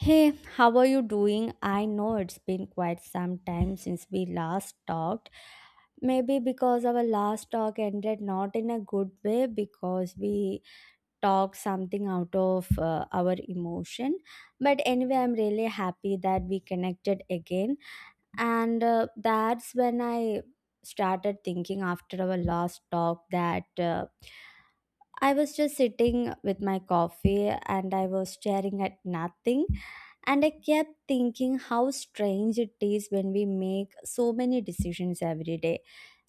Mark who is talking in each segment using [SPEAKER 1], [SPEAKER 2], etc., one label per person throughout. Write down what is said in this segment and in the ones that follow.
[SPEAKER 1] Hey, how are you doing? I know it's been quite some time since we last talked. Maybe because our last talk ended not in a good way because we talked something out of our emotion. But anyway, I'm really happy that we connected again. And that's when I started thinking after our last talk that. I was just sitting with my coffee and I was staring at nothing. And I kept thinking how strange it is when we make so many decisions every day.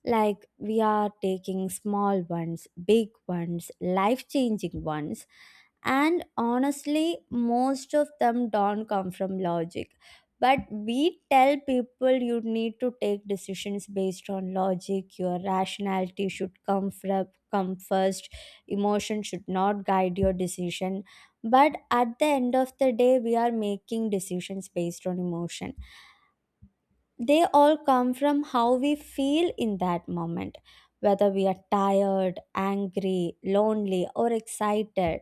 [SPEAKER 1] Like we are taking small ones, big ones, life changing ones, and honestly, most of them don't come from logic. But we tell people you need to take decisions based on logic, your rationality should come first, emotion should not guide your decision. But at the end of the day, we are making decisions based on emotion. They all come from how we feel in that moment, whether we are tired, angry, lonely, or excited.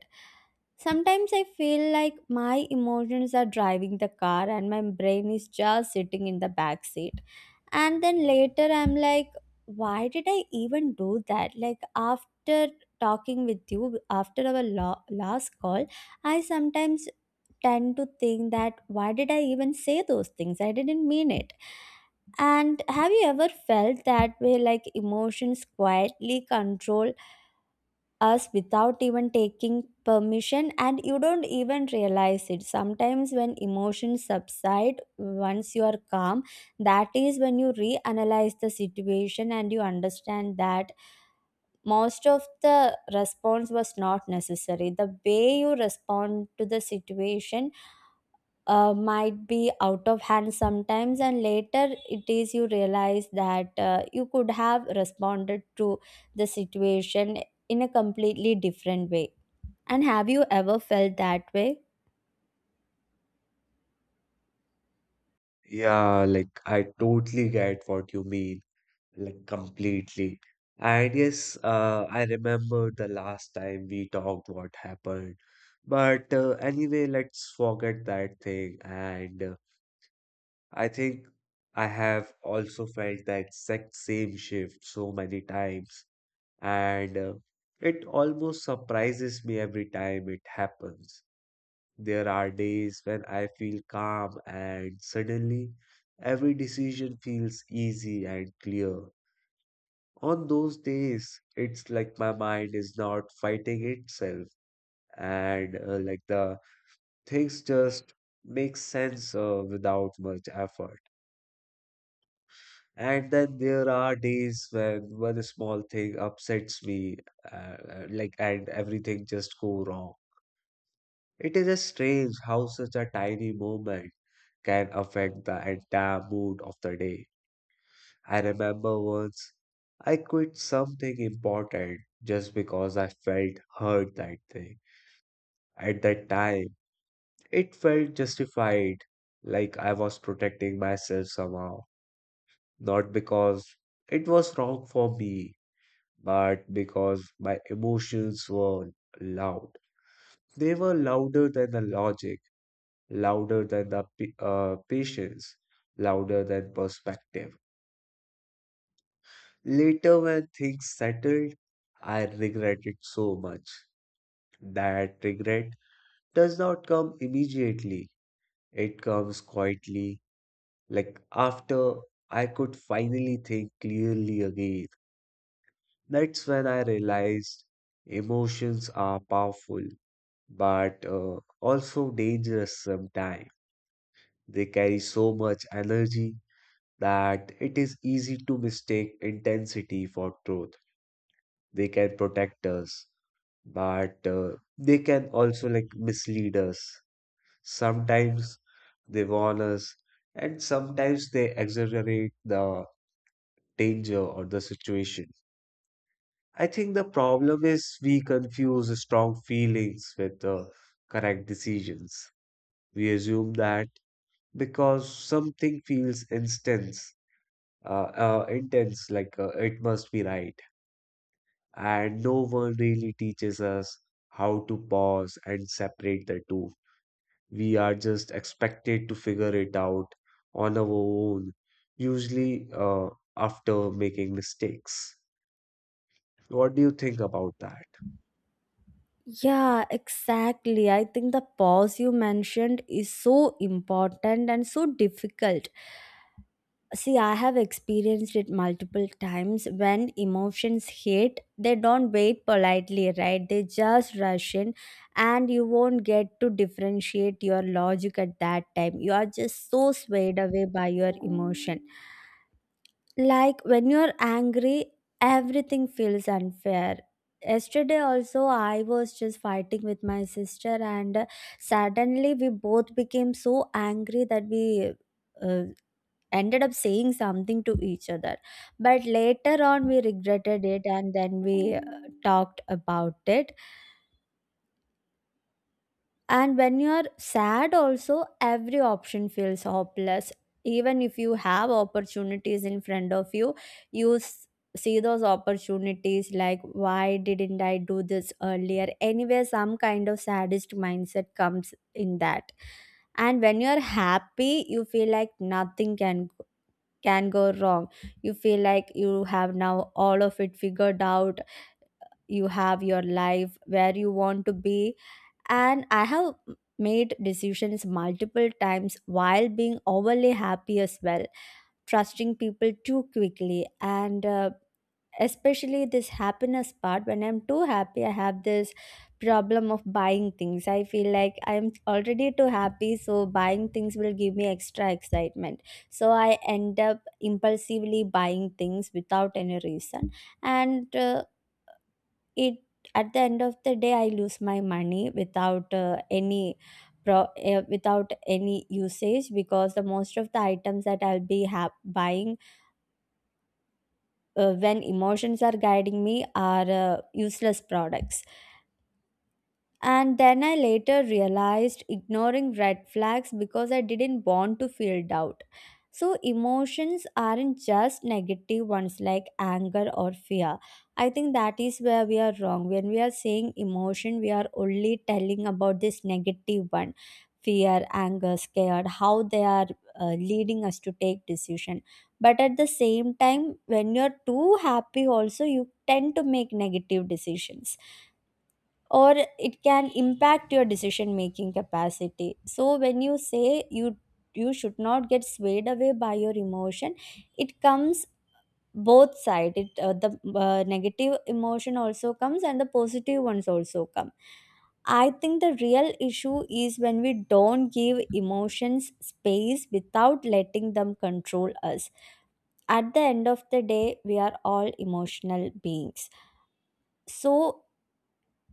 [SPEAKER 1] Sometimes I feel like my emotions are driving the car and my brain is just sitting in the back seat. And then later I'm like, why did I even do that? Like, after talking with you after our last call, I sometimes tend to think that why did I even say those things? I didn't mean it. And have you ever felt that way, like emotions quietly control us without even taking permission and you don't even realize it? Sometimes when emotions subside once you are calm, that is when you reanalyze the situation and you understand that most of the response was not necessary. The way you respond to the situation might be out of hand sometimes, and later it is you realize that you could have responded to the situation in a completely different way. And have you ever felt that way?
[SPEAKER 2] Yeah, like I totally get what you mean, like completely. And yes, I remember the last time we talked what happened. But anyway, let's forget that thing. And I think I have also felt the exact same shift so many times. And it almost surprises me every time it happens. There are days when I feel calm and suddenly every decision feels easy and clear. On those days, it's like my mind is not fighting itself and like the things just make sense without much effort. And then there are days when one small thing upsets me, like, and everything just go wrong. It is strange how such a tiny moment can affect the entire mood of the day. I remember once I quit something important just because I felt hurt that day. At that time, it felt justified, like I was protecting myself somehow. Not because it was wrong for me, but because my emotions were loud. They were louder than the logic, louder than the patience, louder than perspective. Later, when things settled, I regret it so much. That regret does not come immediately, it comes quietly. Like after I could finally think clearly again, that's when I realized emotions are powerful, but also dangerous sometimes. They carry so much energy that it is easy to mistake intensity for truth. They can protect us but they can also like mislead us. Sometimes they warn us, and sometimes they exaggerate the danger or the situation. I think the problem is we confuse strong feelings with correct decisions. We assume that because something feels intense, uh, intense, like it must be right, and no one really teaches us how to pause and separate the two. We are just expected to figure it out on our own, usually after making mistakes. What do you think about that?
[SPEAKER 1] Yeah, exactly. I think the pause you mentioned is so important and so difficult. See, I have experienced it multiple times. When emotions hit, they don't wait politely, right? They just rush in, and you won't get to differentiate your logic at that time. You are just so swayed away by your emotion. Like when you're angry, everything feels unfair. Yesterday also, I was just fighting with my sister, and suddenly we both became so angry that we. Uh, ended up saying something to each other, but later on we regretted it and then we talked about it. And when you are sad also, every option feels hopeless. Even if you have opportunities in front of you, see those opportunities, like why didn't I do this earlier? Anyway, some kind of sadist mindset comes in that. And when you are happy, you feel like nothing can go wrong. You feel like you have now all of it figured out, you have your life where you want to be. And I have made decisions multiple times while being overly happy as well, trusting people too quickly. And especially this happiness part, when I'm too happy, I have this problem of buying things. I feel like I'm already too happy, so buying things will give me extra excitement. So I end up impulsively buying things without any reason. And it at the end of the day, I lose my money without any without any usage, because the most of the items that I'll be buying when emotions are guiding me are useless products. And then I later realized ignoring red flags because I didn't want to feel doubt. So, emotions aren't just negative ones like anger or fear. I think that is where we are wrong. When we are saying emotion, we are only telling about this negative one, fear, anger, scared, how they are leading us to take decision. But at the same time, when you're too happy also, you tend to make negative decisions, or it can impact your decision making capacity. So when you say you should not get swayed away by your emotion, it comes both side. It uh, the uh, negative emotion also comes and the positive ones also come. I think the real issue is when we don't give emotions space without letting them control us. At the end of the day, we are all emotional beings. So,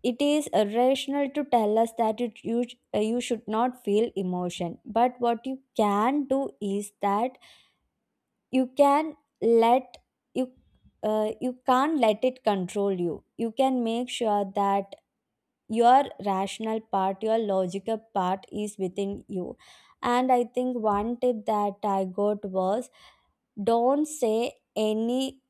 [SPEAKER 1] it is irrational to tell us that you should not feel emotion. But what you can do is that you can let you you can't let it control You can make sure that your rational part, your logical part, is within you. And I think one tip that I got was, don't say any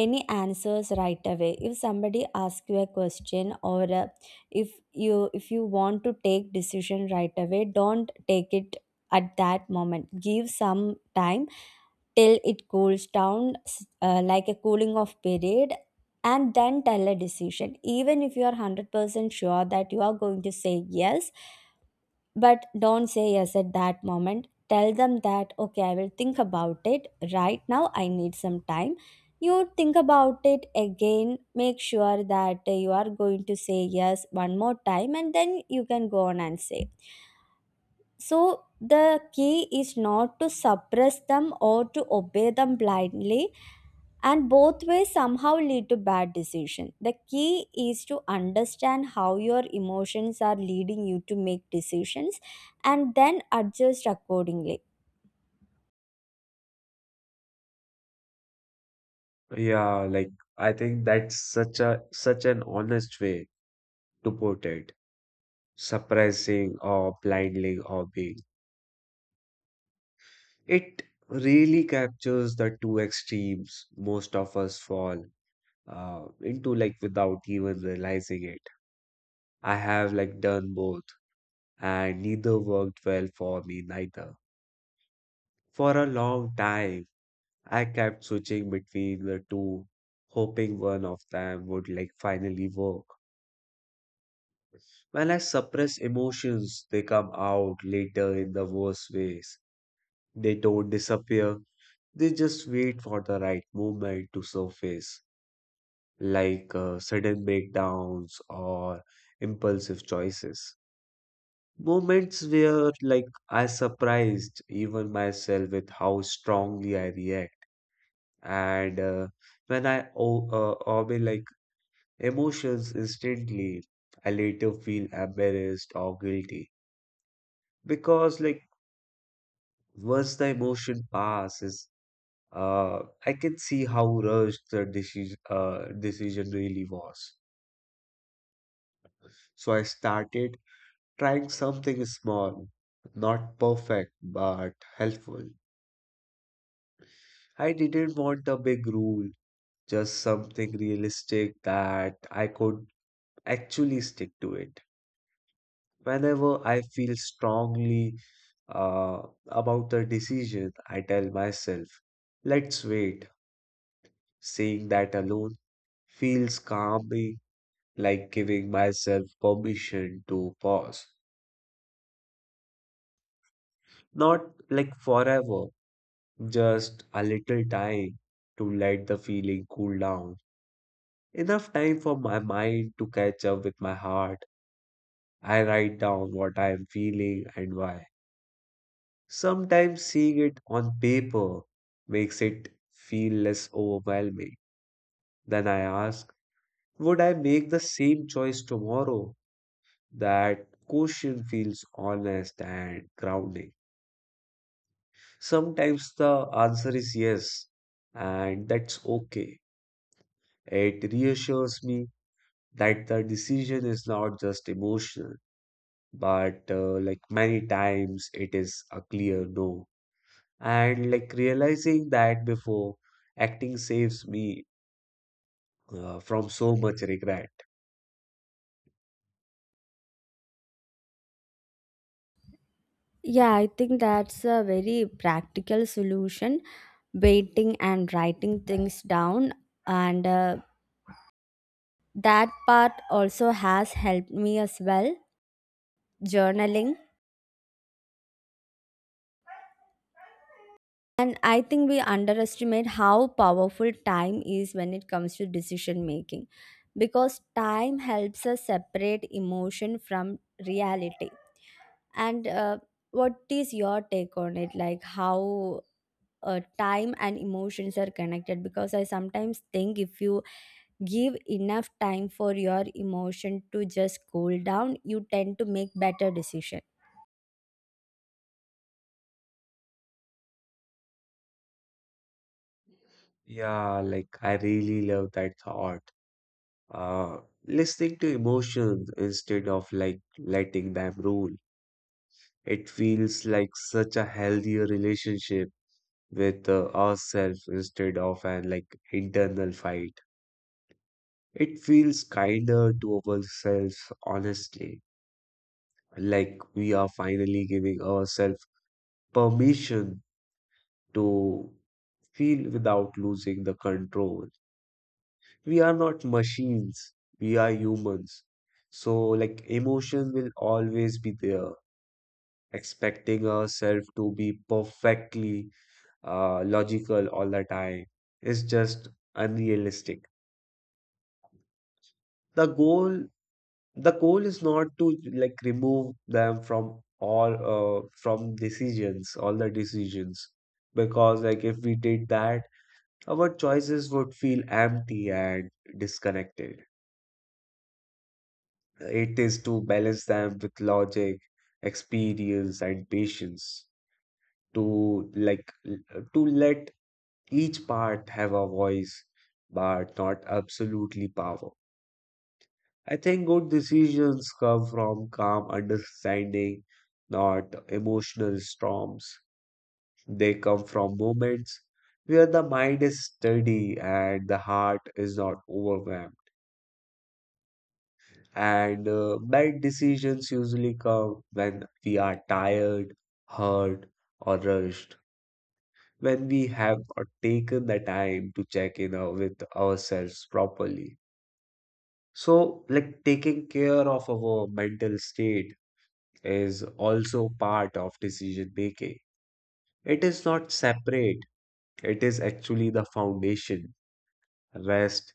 [SPEAKER 1] any answers right away. If somebody asks you a question, or if you want to take decision right away, don't take it at that moment. Give some time till it cools down, like a cooling off period, and then tell a decision. Even if you are 100% sure that you are going to say yes, but don't say yes at that moment. Tell them that, okay, I will think about it. Right now, I need some time. You think about it again, make sure that you are going to say yes one more time, and then you can go on and say. So, the key is not to suppress them or to obey them blindly, and both ways somehow lead to bad decision. The key is to understand how your emotions are leading you to make decisions and then adjust accordingly.
[SPEAKER 2] Yeah, like I think that's such an honest way to put it. Suppressing or blindly or being. It really captures the two extremes most of us fall into like without even realizing it. I have like done both and neither worked well for me neither. For a long time, I kept switching between the two, hoping one of them would like finally work. When I suppress emotions, they come out later in the worst ways. They don't disappear, they just wait for the right moment to surface, like sudden breakdowns or impulsive choices. Moments where, like, I surprised even myself with how strongly I react and when I omit like emotions instantly, I later feel embarrassed or guilty because like once the emotion passes, I can see how rushed the decision really was. So I started trying something small, not perfect but helpful. I didn't want a big rule, just something realistic that I could actually stick to it. Whenever I feel strongly uh, about a decision, I tell myself, let's wait. Saying that alone feels calming, like giving myself permission to pause. Not like forever, just a little time to let the feeling cool down. Enough time for my mind to catch up with my heart. I write down what I am feeling and why. Sometimes seeing it on paper makes it feel less overwhelming. Then I ask, would I make the same choice tomorrow? That question feels honest and grounding. Sometimes the answer is yes, and that's okay. It reassures me that the decision is not just emotional, but like many times it is a clear no. And like realizing that before acting saves me from so much regret.
[SPEAKER 1] Yeah, I think that's a very practical solution, waiting and writing things down, and that part also has helped me as well, journaling. And I think we underestimate how powerful time is when it comes to decision making, because time helps us separate emotion from reality. And What is your take on it? Like, how time and emotions are connected? Because I sometimes think if you give enough time for your emotion to just cool down, you tend to make better decisions.
[SPEAKER 2] Yeah, like I really love that thought. Uh, Listening to emotions instead of like letting them rule. It feels like such a healthier relationship with ourselves instead of an like internal fight. It feels kinder to ourselves, honestly. Like we are finally giving ourselves permission to feel without losing the control. We are not machines, we are humans. So, like, emotion will always be there, expecting ourselves to be perfectly logical all the time is just unrealistic. The goal, the goal is not to like remove them from all from decisions, all the decisions, because like if we did that, our choices would feel empty and disconnected. It is to balance them with logic, experience, and patience. To to let each part have a voice, but not absolutely power. I think good decisions come from calm understanding, not emotional storms. They come from moments where the mind is steady and the heart is not overwhelmed. And bad decisions usually come when we are tired, hurt, or rushed, when we have not taken the time to check in with ourselves properly. So, like taking care of our mental state is also part of decision making. It is not separate, it is actually the foundation. Rest,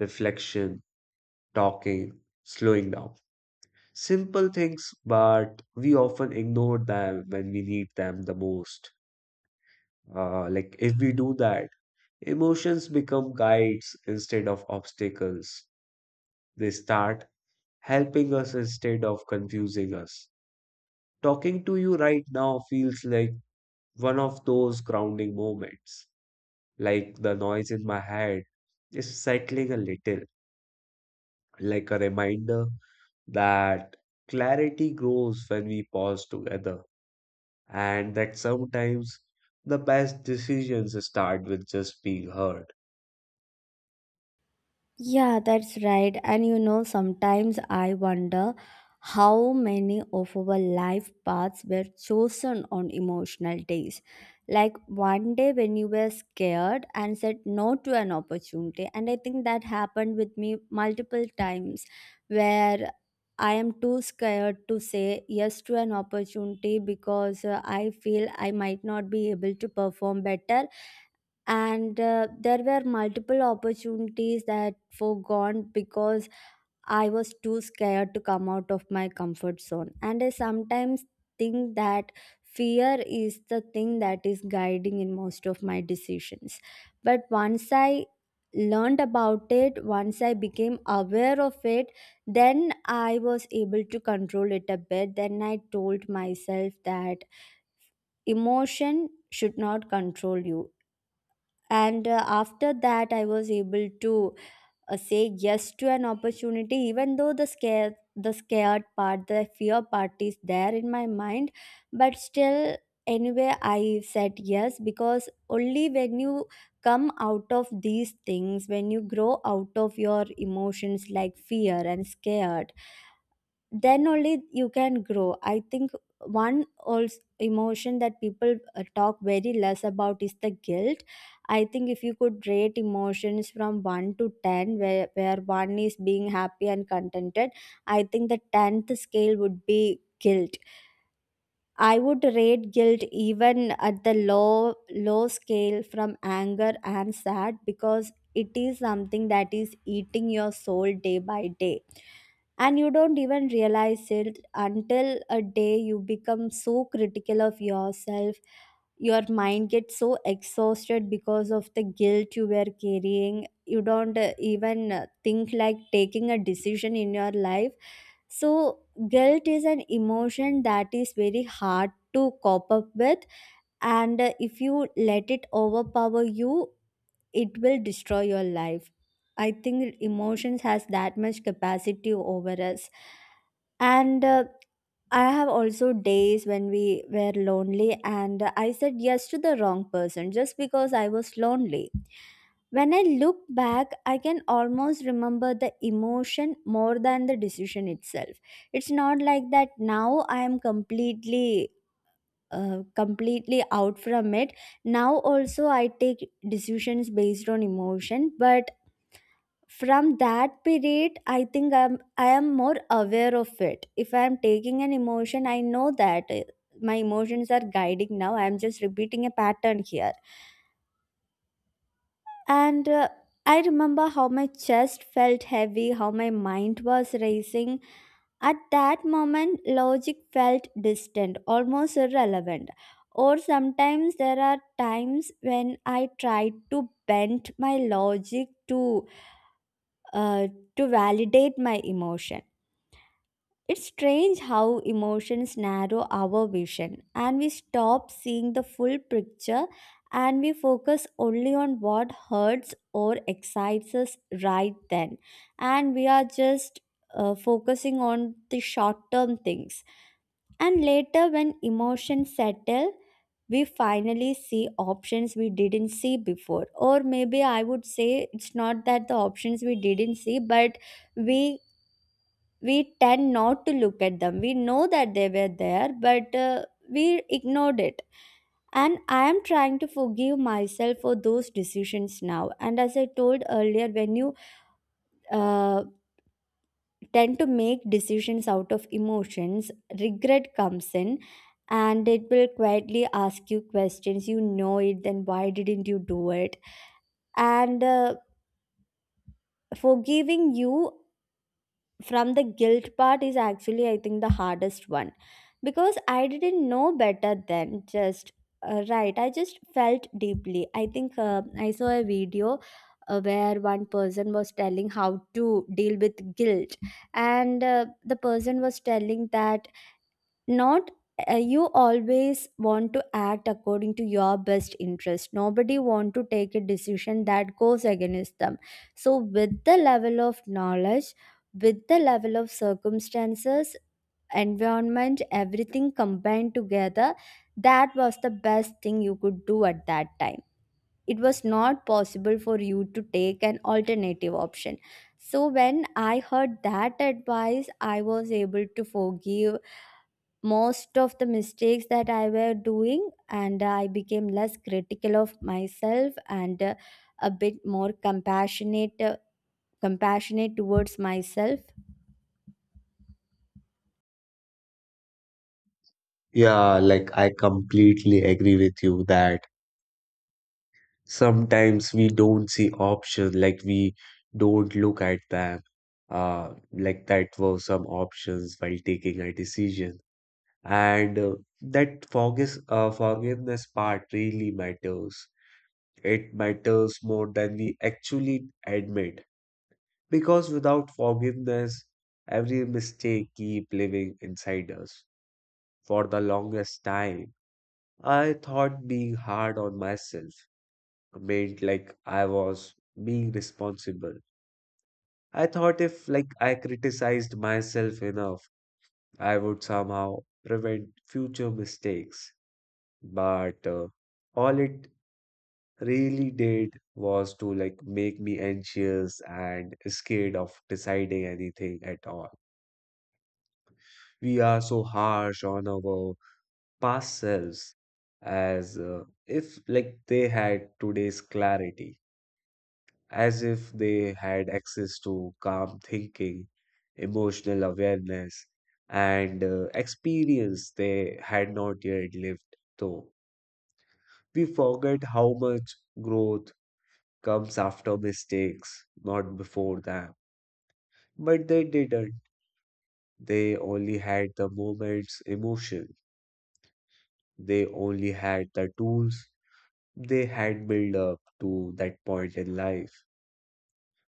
[SPEAKER 2] reflection, talking, slowing down. Simple things, but we often ignore them when we need them the most. Like if we do that, emotions become guides instead of obstacles. They start helping us instead of confusing us. Talking to you right now feels like one of those grounding moments. Like the noise in my head is settling a little, like a reminder that clarity grows when we pause together. And that sometimes the best decisions start with just being heard.
[SPEAKER 1] Yeah, that's right. And you know, sometimes I wonder how many of our life paths were chosen on emotional days. Like one day when you were scared and said no to an opportunity. And I think that happened with me multiple times, where I am too scared to say yes to an opportunity because I feel I might not be able to perform better, and there were multiple opportunities that foregone because I was too scared to come out of my comfort zone. And I sometimes think that fear is the thing that is guiding in most of my decisions. But once I learned about it, once I became aware of it, then I was able to control it a bit. Then I told myself that emotion should not control you, and after that I was able to say yes to an opportunity. Even though the scared part, the fear part, is there in my mind, but still, anyway, I said yes. Because only when you come out of these things, when you grow out of your emotions like fear and scared, then only you can grow, I think. One also emotion that people talk very less about is the guilt. I think if you could rate emotions from 1 to 10, where 1 is being happy and contented, I think the 10th scale would be guilt. I would rate guilt even at the low scale from anger and sad, because it is something that is eating your soul day by day and you don't even realize it, until a day you become so critical of yourself. Your mind gets so exhausted because of the guilt you were carrying, you don't even think like taking a decision in your life. So, guilt is an emotion that is very hard to cope up with, and if you let it overpower you, it will destroy your life. I think emotions has that much capacity over us, and I have also days when we were lonely, and I said yes to the wrong person just because I was lonely. When I look back, I can almost remember the emotion more than the decision itself. It's not like that now I am completely out from it. Now also I take decisions based on emotion, but from that period I think I am more aware of it. If I am taking an emotion, I know that my emotions are guiding. Now I am just repeating a pattern here. And I remember how my chest felt heavy, how my mind was racing. At that moment, logic felt distant, almost irrelevant. Or sometimes there are times when I tried to bend my logic uh, to validate my emotion. It's strange how emotions narrow our vision and we stop seeing the full picture, and we focus only on what hurts or excites us right then. And we are just focusing on the short term things. And later, when emotions settle, we finally see options we didn't see before. Or maybe I would say it's not that the options we didn't see, but we we tend not to look at them. We know that they were there, but we ignored it. And I am trying to forgive myself for those decisions now. And as I told earlier, when you uh, tend to make decisions out of emotions, regret comes in and it will quietly ask you questions. You know it, then why didn't you do it? And Forgiving you from the guilt part is actually, I think, the hardest one, because I didn't know better then. Just right, I just felt deeply. I think I saw a video where one person was telling how to deal with guilt, and the person was telling that not you always want to act according to your best interest. Nobody want to take a decision that goes against them. So with the level of knowledge, with the level of circumstances, environment, everything combined together, that was the best thing you could do at that time. It was not possible for you to take an alternative option. So when I heard that advice, I was able to forgive most of the mistakes that I were doing, and I became less critical of myself and a bit more compassionate, compassionate towards myself.
[SPEAKER 2] Yeah, like I completely agree with you that sometimes we don't see options, like we don't look at them, like that were some options while taking a decision. And that forgis forgiveness part really matters. It matters more than we actually admit. Because without forgiveness, every mistake keep living inside us. For the longest time, I thought being hard on myself meant like I was being responsible. I thought if like I criticized myself enough, I would somehow prevent future mistakes. But all it really did was to like make me anxious and scared of deciding anything at all. We are so harsh on our past selves as if like they had today's clarity, as if they had access to calm thinking, emotional awareness, and experience they had not yet lived, though we forget how much growth comes after mistakes, not before them. But they didn't, they only had the moment's emotion, they only had the tools they had built up to that point in life.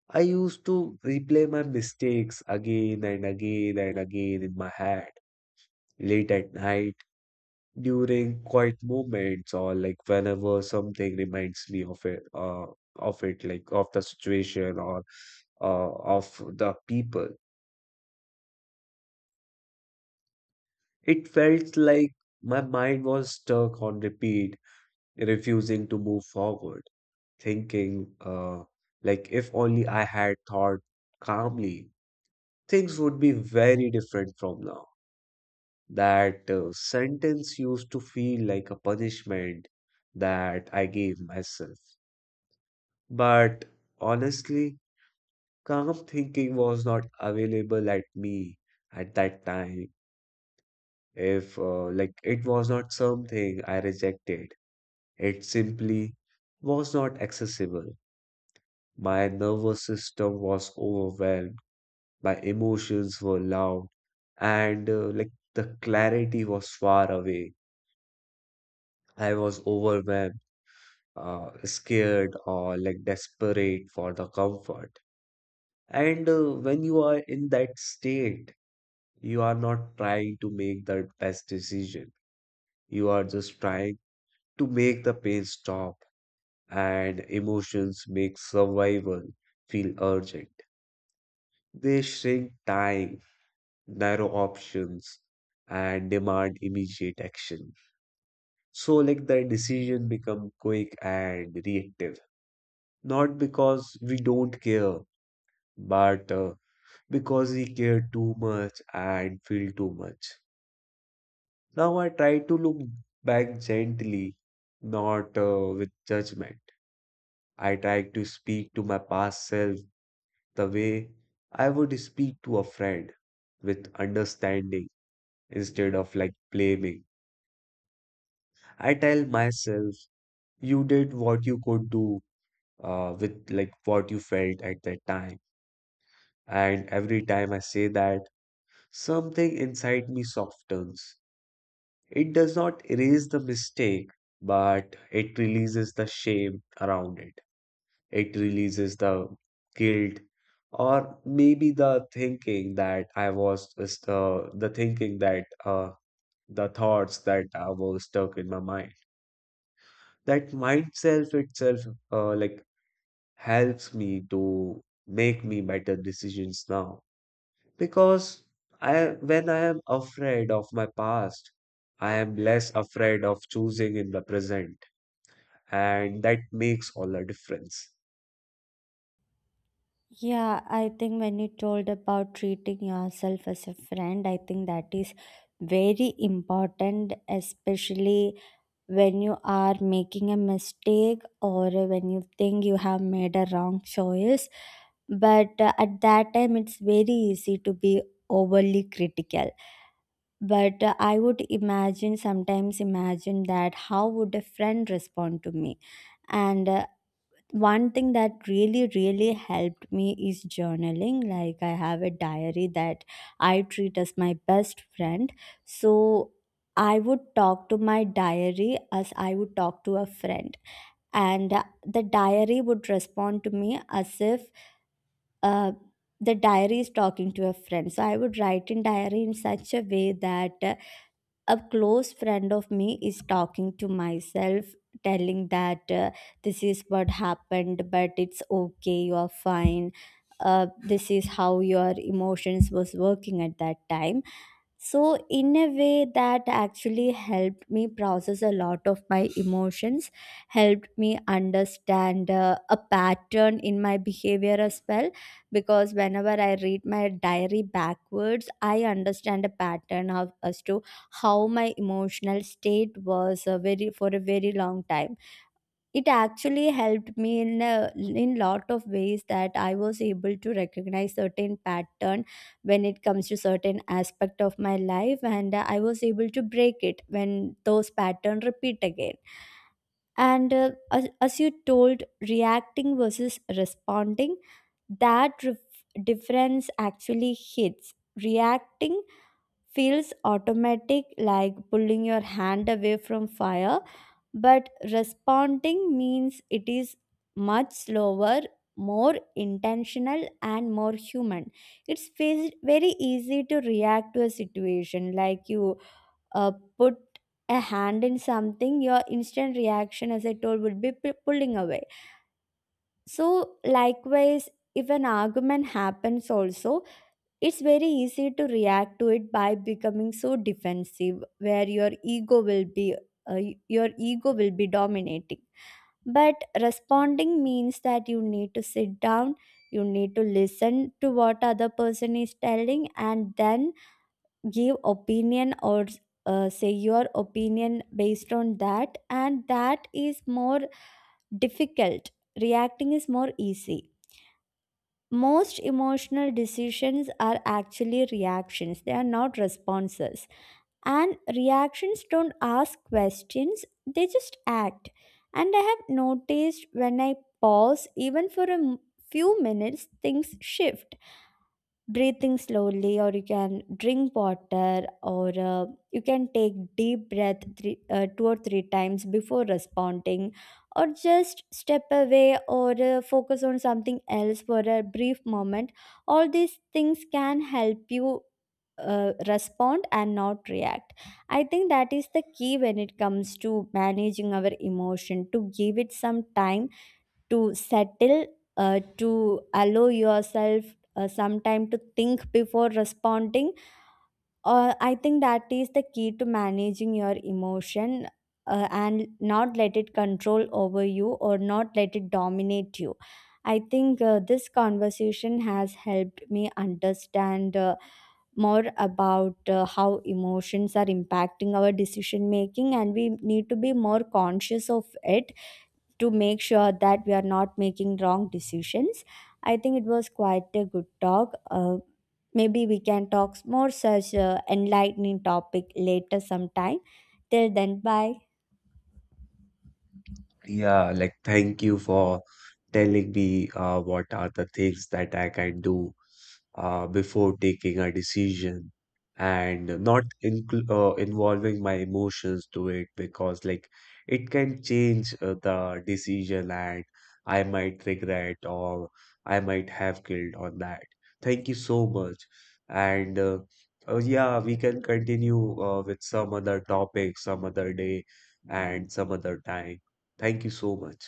[SPEAKER 2] I used to replay my mistakes again and again and again in my head. Late at night, during quiet moments, or like whenever something reminds me of it, like of the situation or uh, of the people. It felt like my mind was stuck on repeat, refusing to move forward, thinking, like if only I had thought calmly things would be very different from now. That sentence used to feel like a punishment that I gave myself. But honestly, calm thinking was not available at me at that time. If, like, it was not something I rejected, it simply was not accessible. My nervous system was overwhelmed, my emotions were loud, and like the clarity was far away. I was overwhelmed, scared, or like desperate for the comfort. And when you are in that state, you are not trying to make the best decision. You are just trying to make the pain stop, and emotions make survival feel urgent. They shrink time, narrow options, and demand immediate action. So like the decision become quick and reactive, not because we don't care, but because we care too much and feel too much. Now I try to look back gently, not with judgment. I try to speak to my past self the way I would speak to a friend, with understanding instead of like blaming. I tell myself, you did what you could do with like what you felt at that time. And every time I say that, something inside me softens. It does not erase the mistake, but it releases the shame around it. It releases the guilt, or maybe the thinking that I was just the thoughts that I was stuck in my mind. That mind self itself, like helps me to make me better decisions now because I, when I am afraid of my past, I am less afraid of choosing in the present, and that makes all the difference.
[SPEAKER 1] Yeah, I think when you told about treating yourself as a friend, I think that is very important, especially when you are making a mistake or when you think you have made a wrong choice. But at that time it's very easy to be overly critical. But I would imagine, sometimes imagine, that how would a friend respond to me. And one thing that really really helped me is journaling. Like, I have a diary that I treat as my best friend. So I would talk to my diary as I would talk to a friend, and the diary would respond to me as if uh, the diary is talking to a friend. So I would write in diary in such a way that a close friend of me is talking to myself, telling that this is what happened, but it's okay, you are fine. This is how your emotions was working at that time. So, in a way, that actually helped me process a lot of my emotions, helped me understand a pattern in my behavior as well. Because whenever I read my diary backwards, I understand a pattern of, as to how my emotional state was a very, for a very long time. It actually helped me in a, in lot of ways, that I was able to recognize certain pattern when it comes to certain aspect of my life, and I was able to break it when those pattern repeat again. And as you told, reacting versus responding, that difference actually hits. Reacting feels automatic, like pulling your hand away from fire, but responding means it is much slower, more intentional, and more human. It's very easy to react to a situation. Like, you put a hand in something, your instant reaction, as I told, would be pulling away. So, likewise, if an argument happens, also, it's very easy to react to it by becoming so defensive, where your ego will be, uh, dominating. But responding means that you need to sit down, you need to listen to what other person is telling, and then give opinion or say your opinion based on that. And that is more difficult. Reacting is more easy. Most emotional decisions are actually reactions, they are not responses, and reactions don't ask questions, they just act. And I have noticed, when I pause even for a few minutes, things shift. Breathing slowly, or you can drink water, or you can take deep breath three, two or three times before responding, or just step away, or focus on something else for a brief moment. All these things can help you respond and not react. I think that is the key when it comes to managing our emotion, to give it some time to settle, to allow yourself some time to think before responding. I think that is the key to managing your emotion, and not let it control over you or not let it dominate you. I think this conversation has helped me understand more about how emotions are impacting our decision making, and we need to be more conscious of it to make sure that we are not making wrong decisions. I think it was quite a good talk. Maybe we can talk more such enlightening topic later sometime. Till then, bye.
[SPEAKER 2] Yeah, like thank you for telling me what are the things that I can do before taking a decision and not incl involving my emotions to it because like it can change the decision and I might regret or I might have guilt on that. Thank you so much. And yeah, we can continue with some other topic, some other day, and some other time. Thank you so much.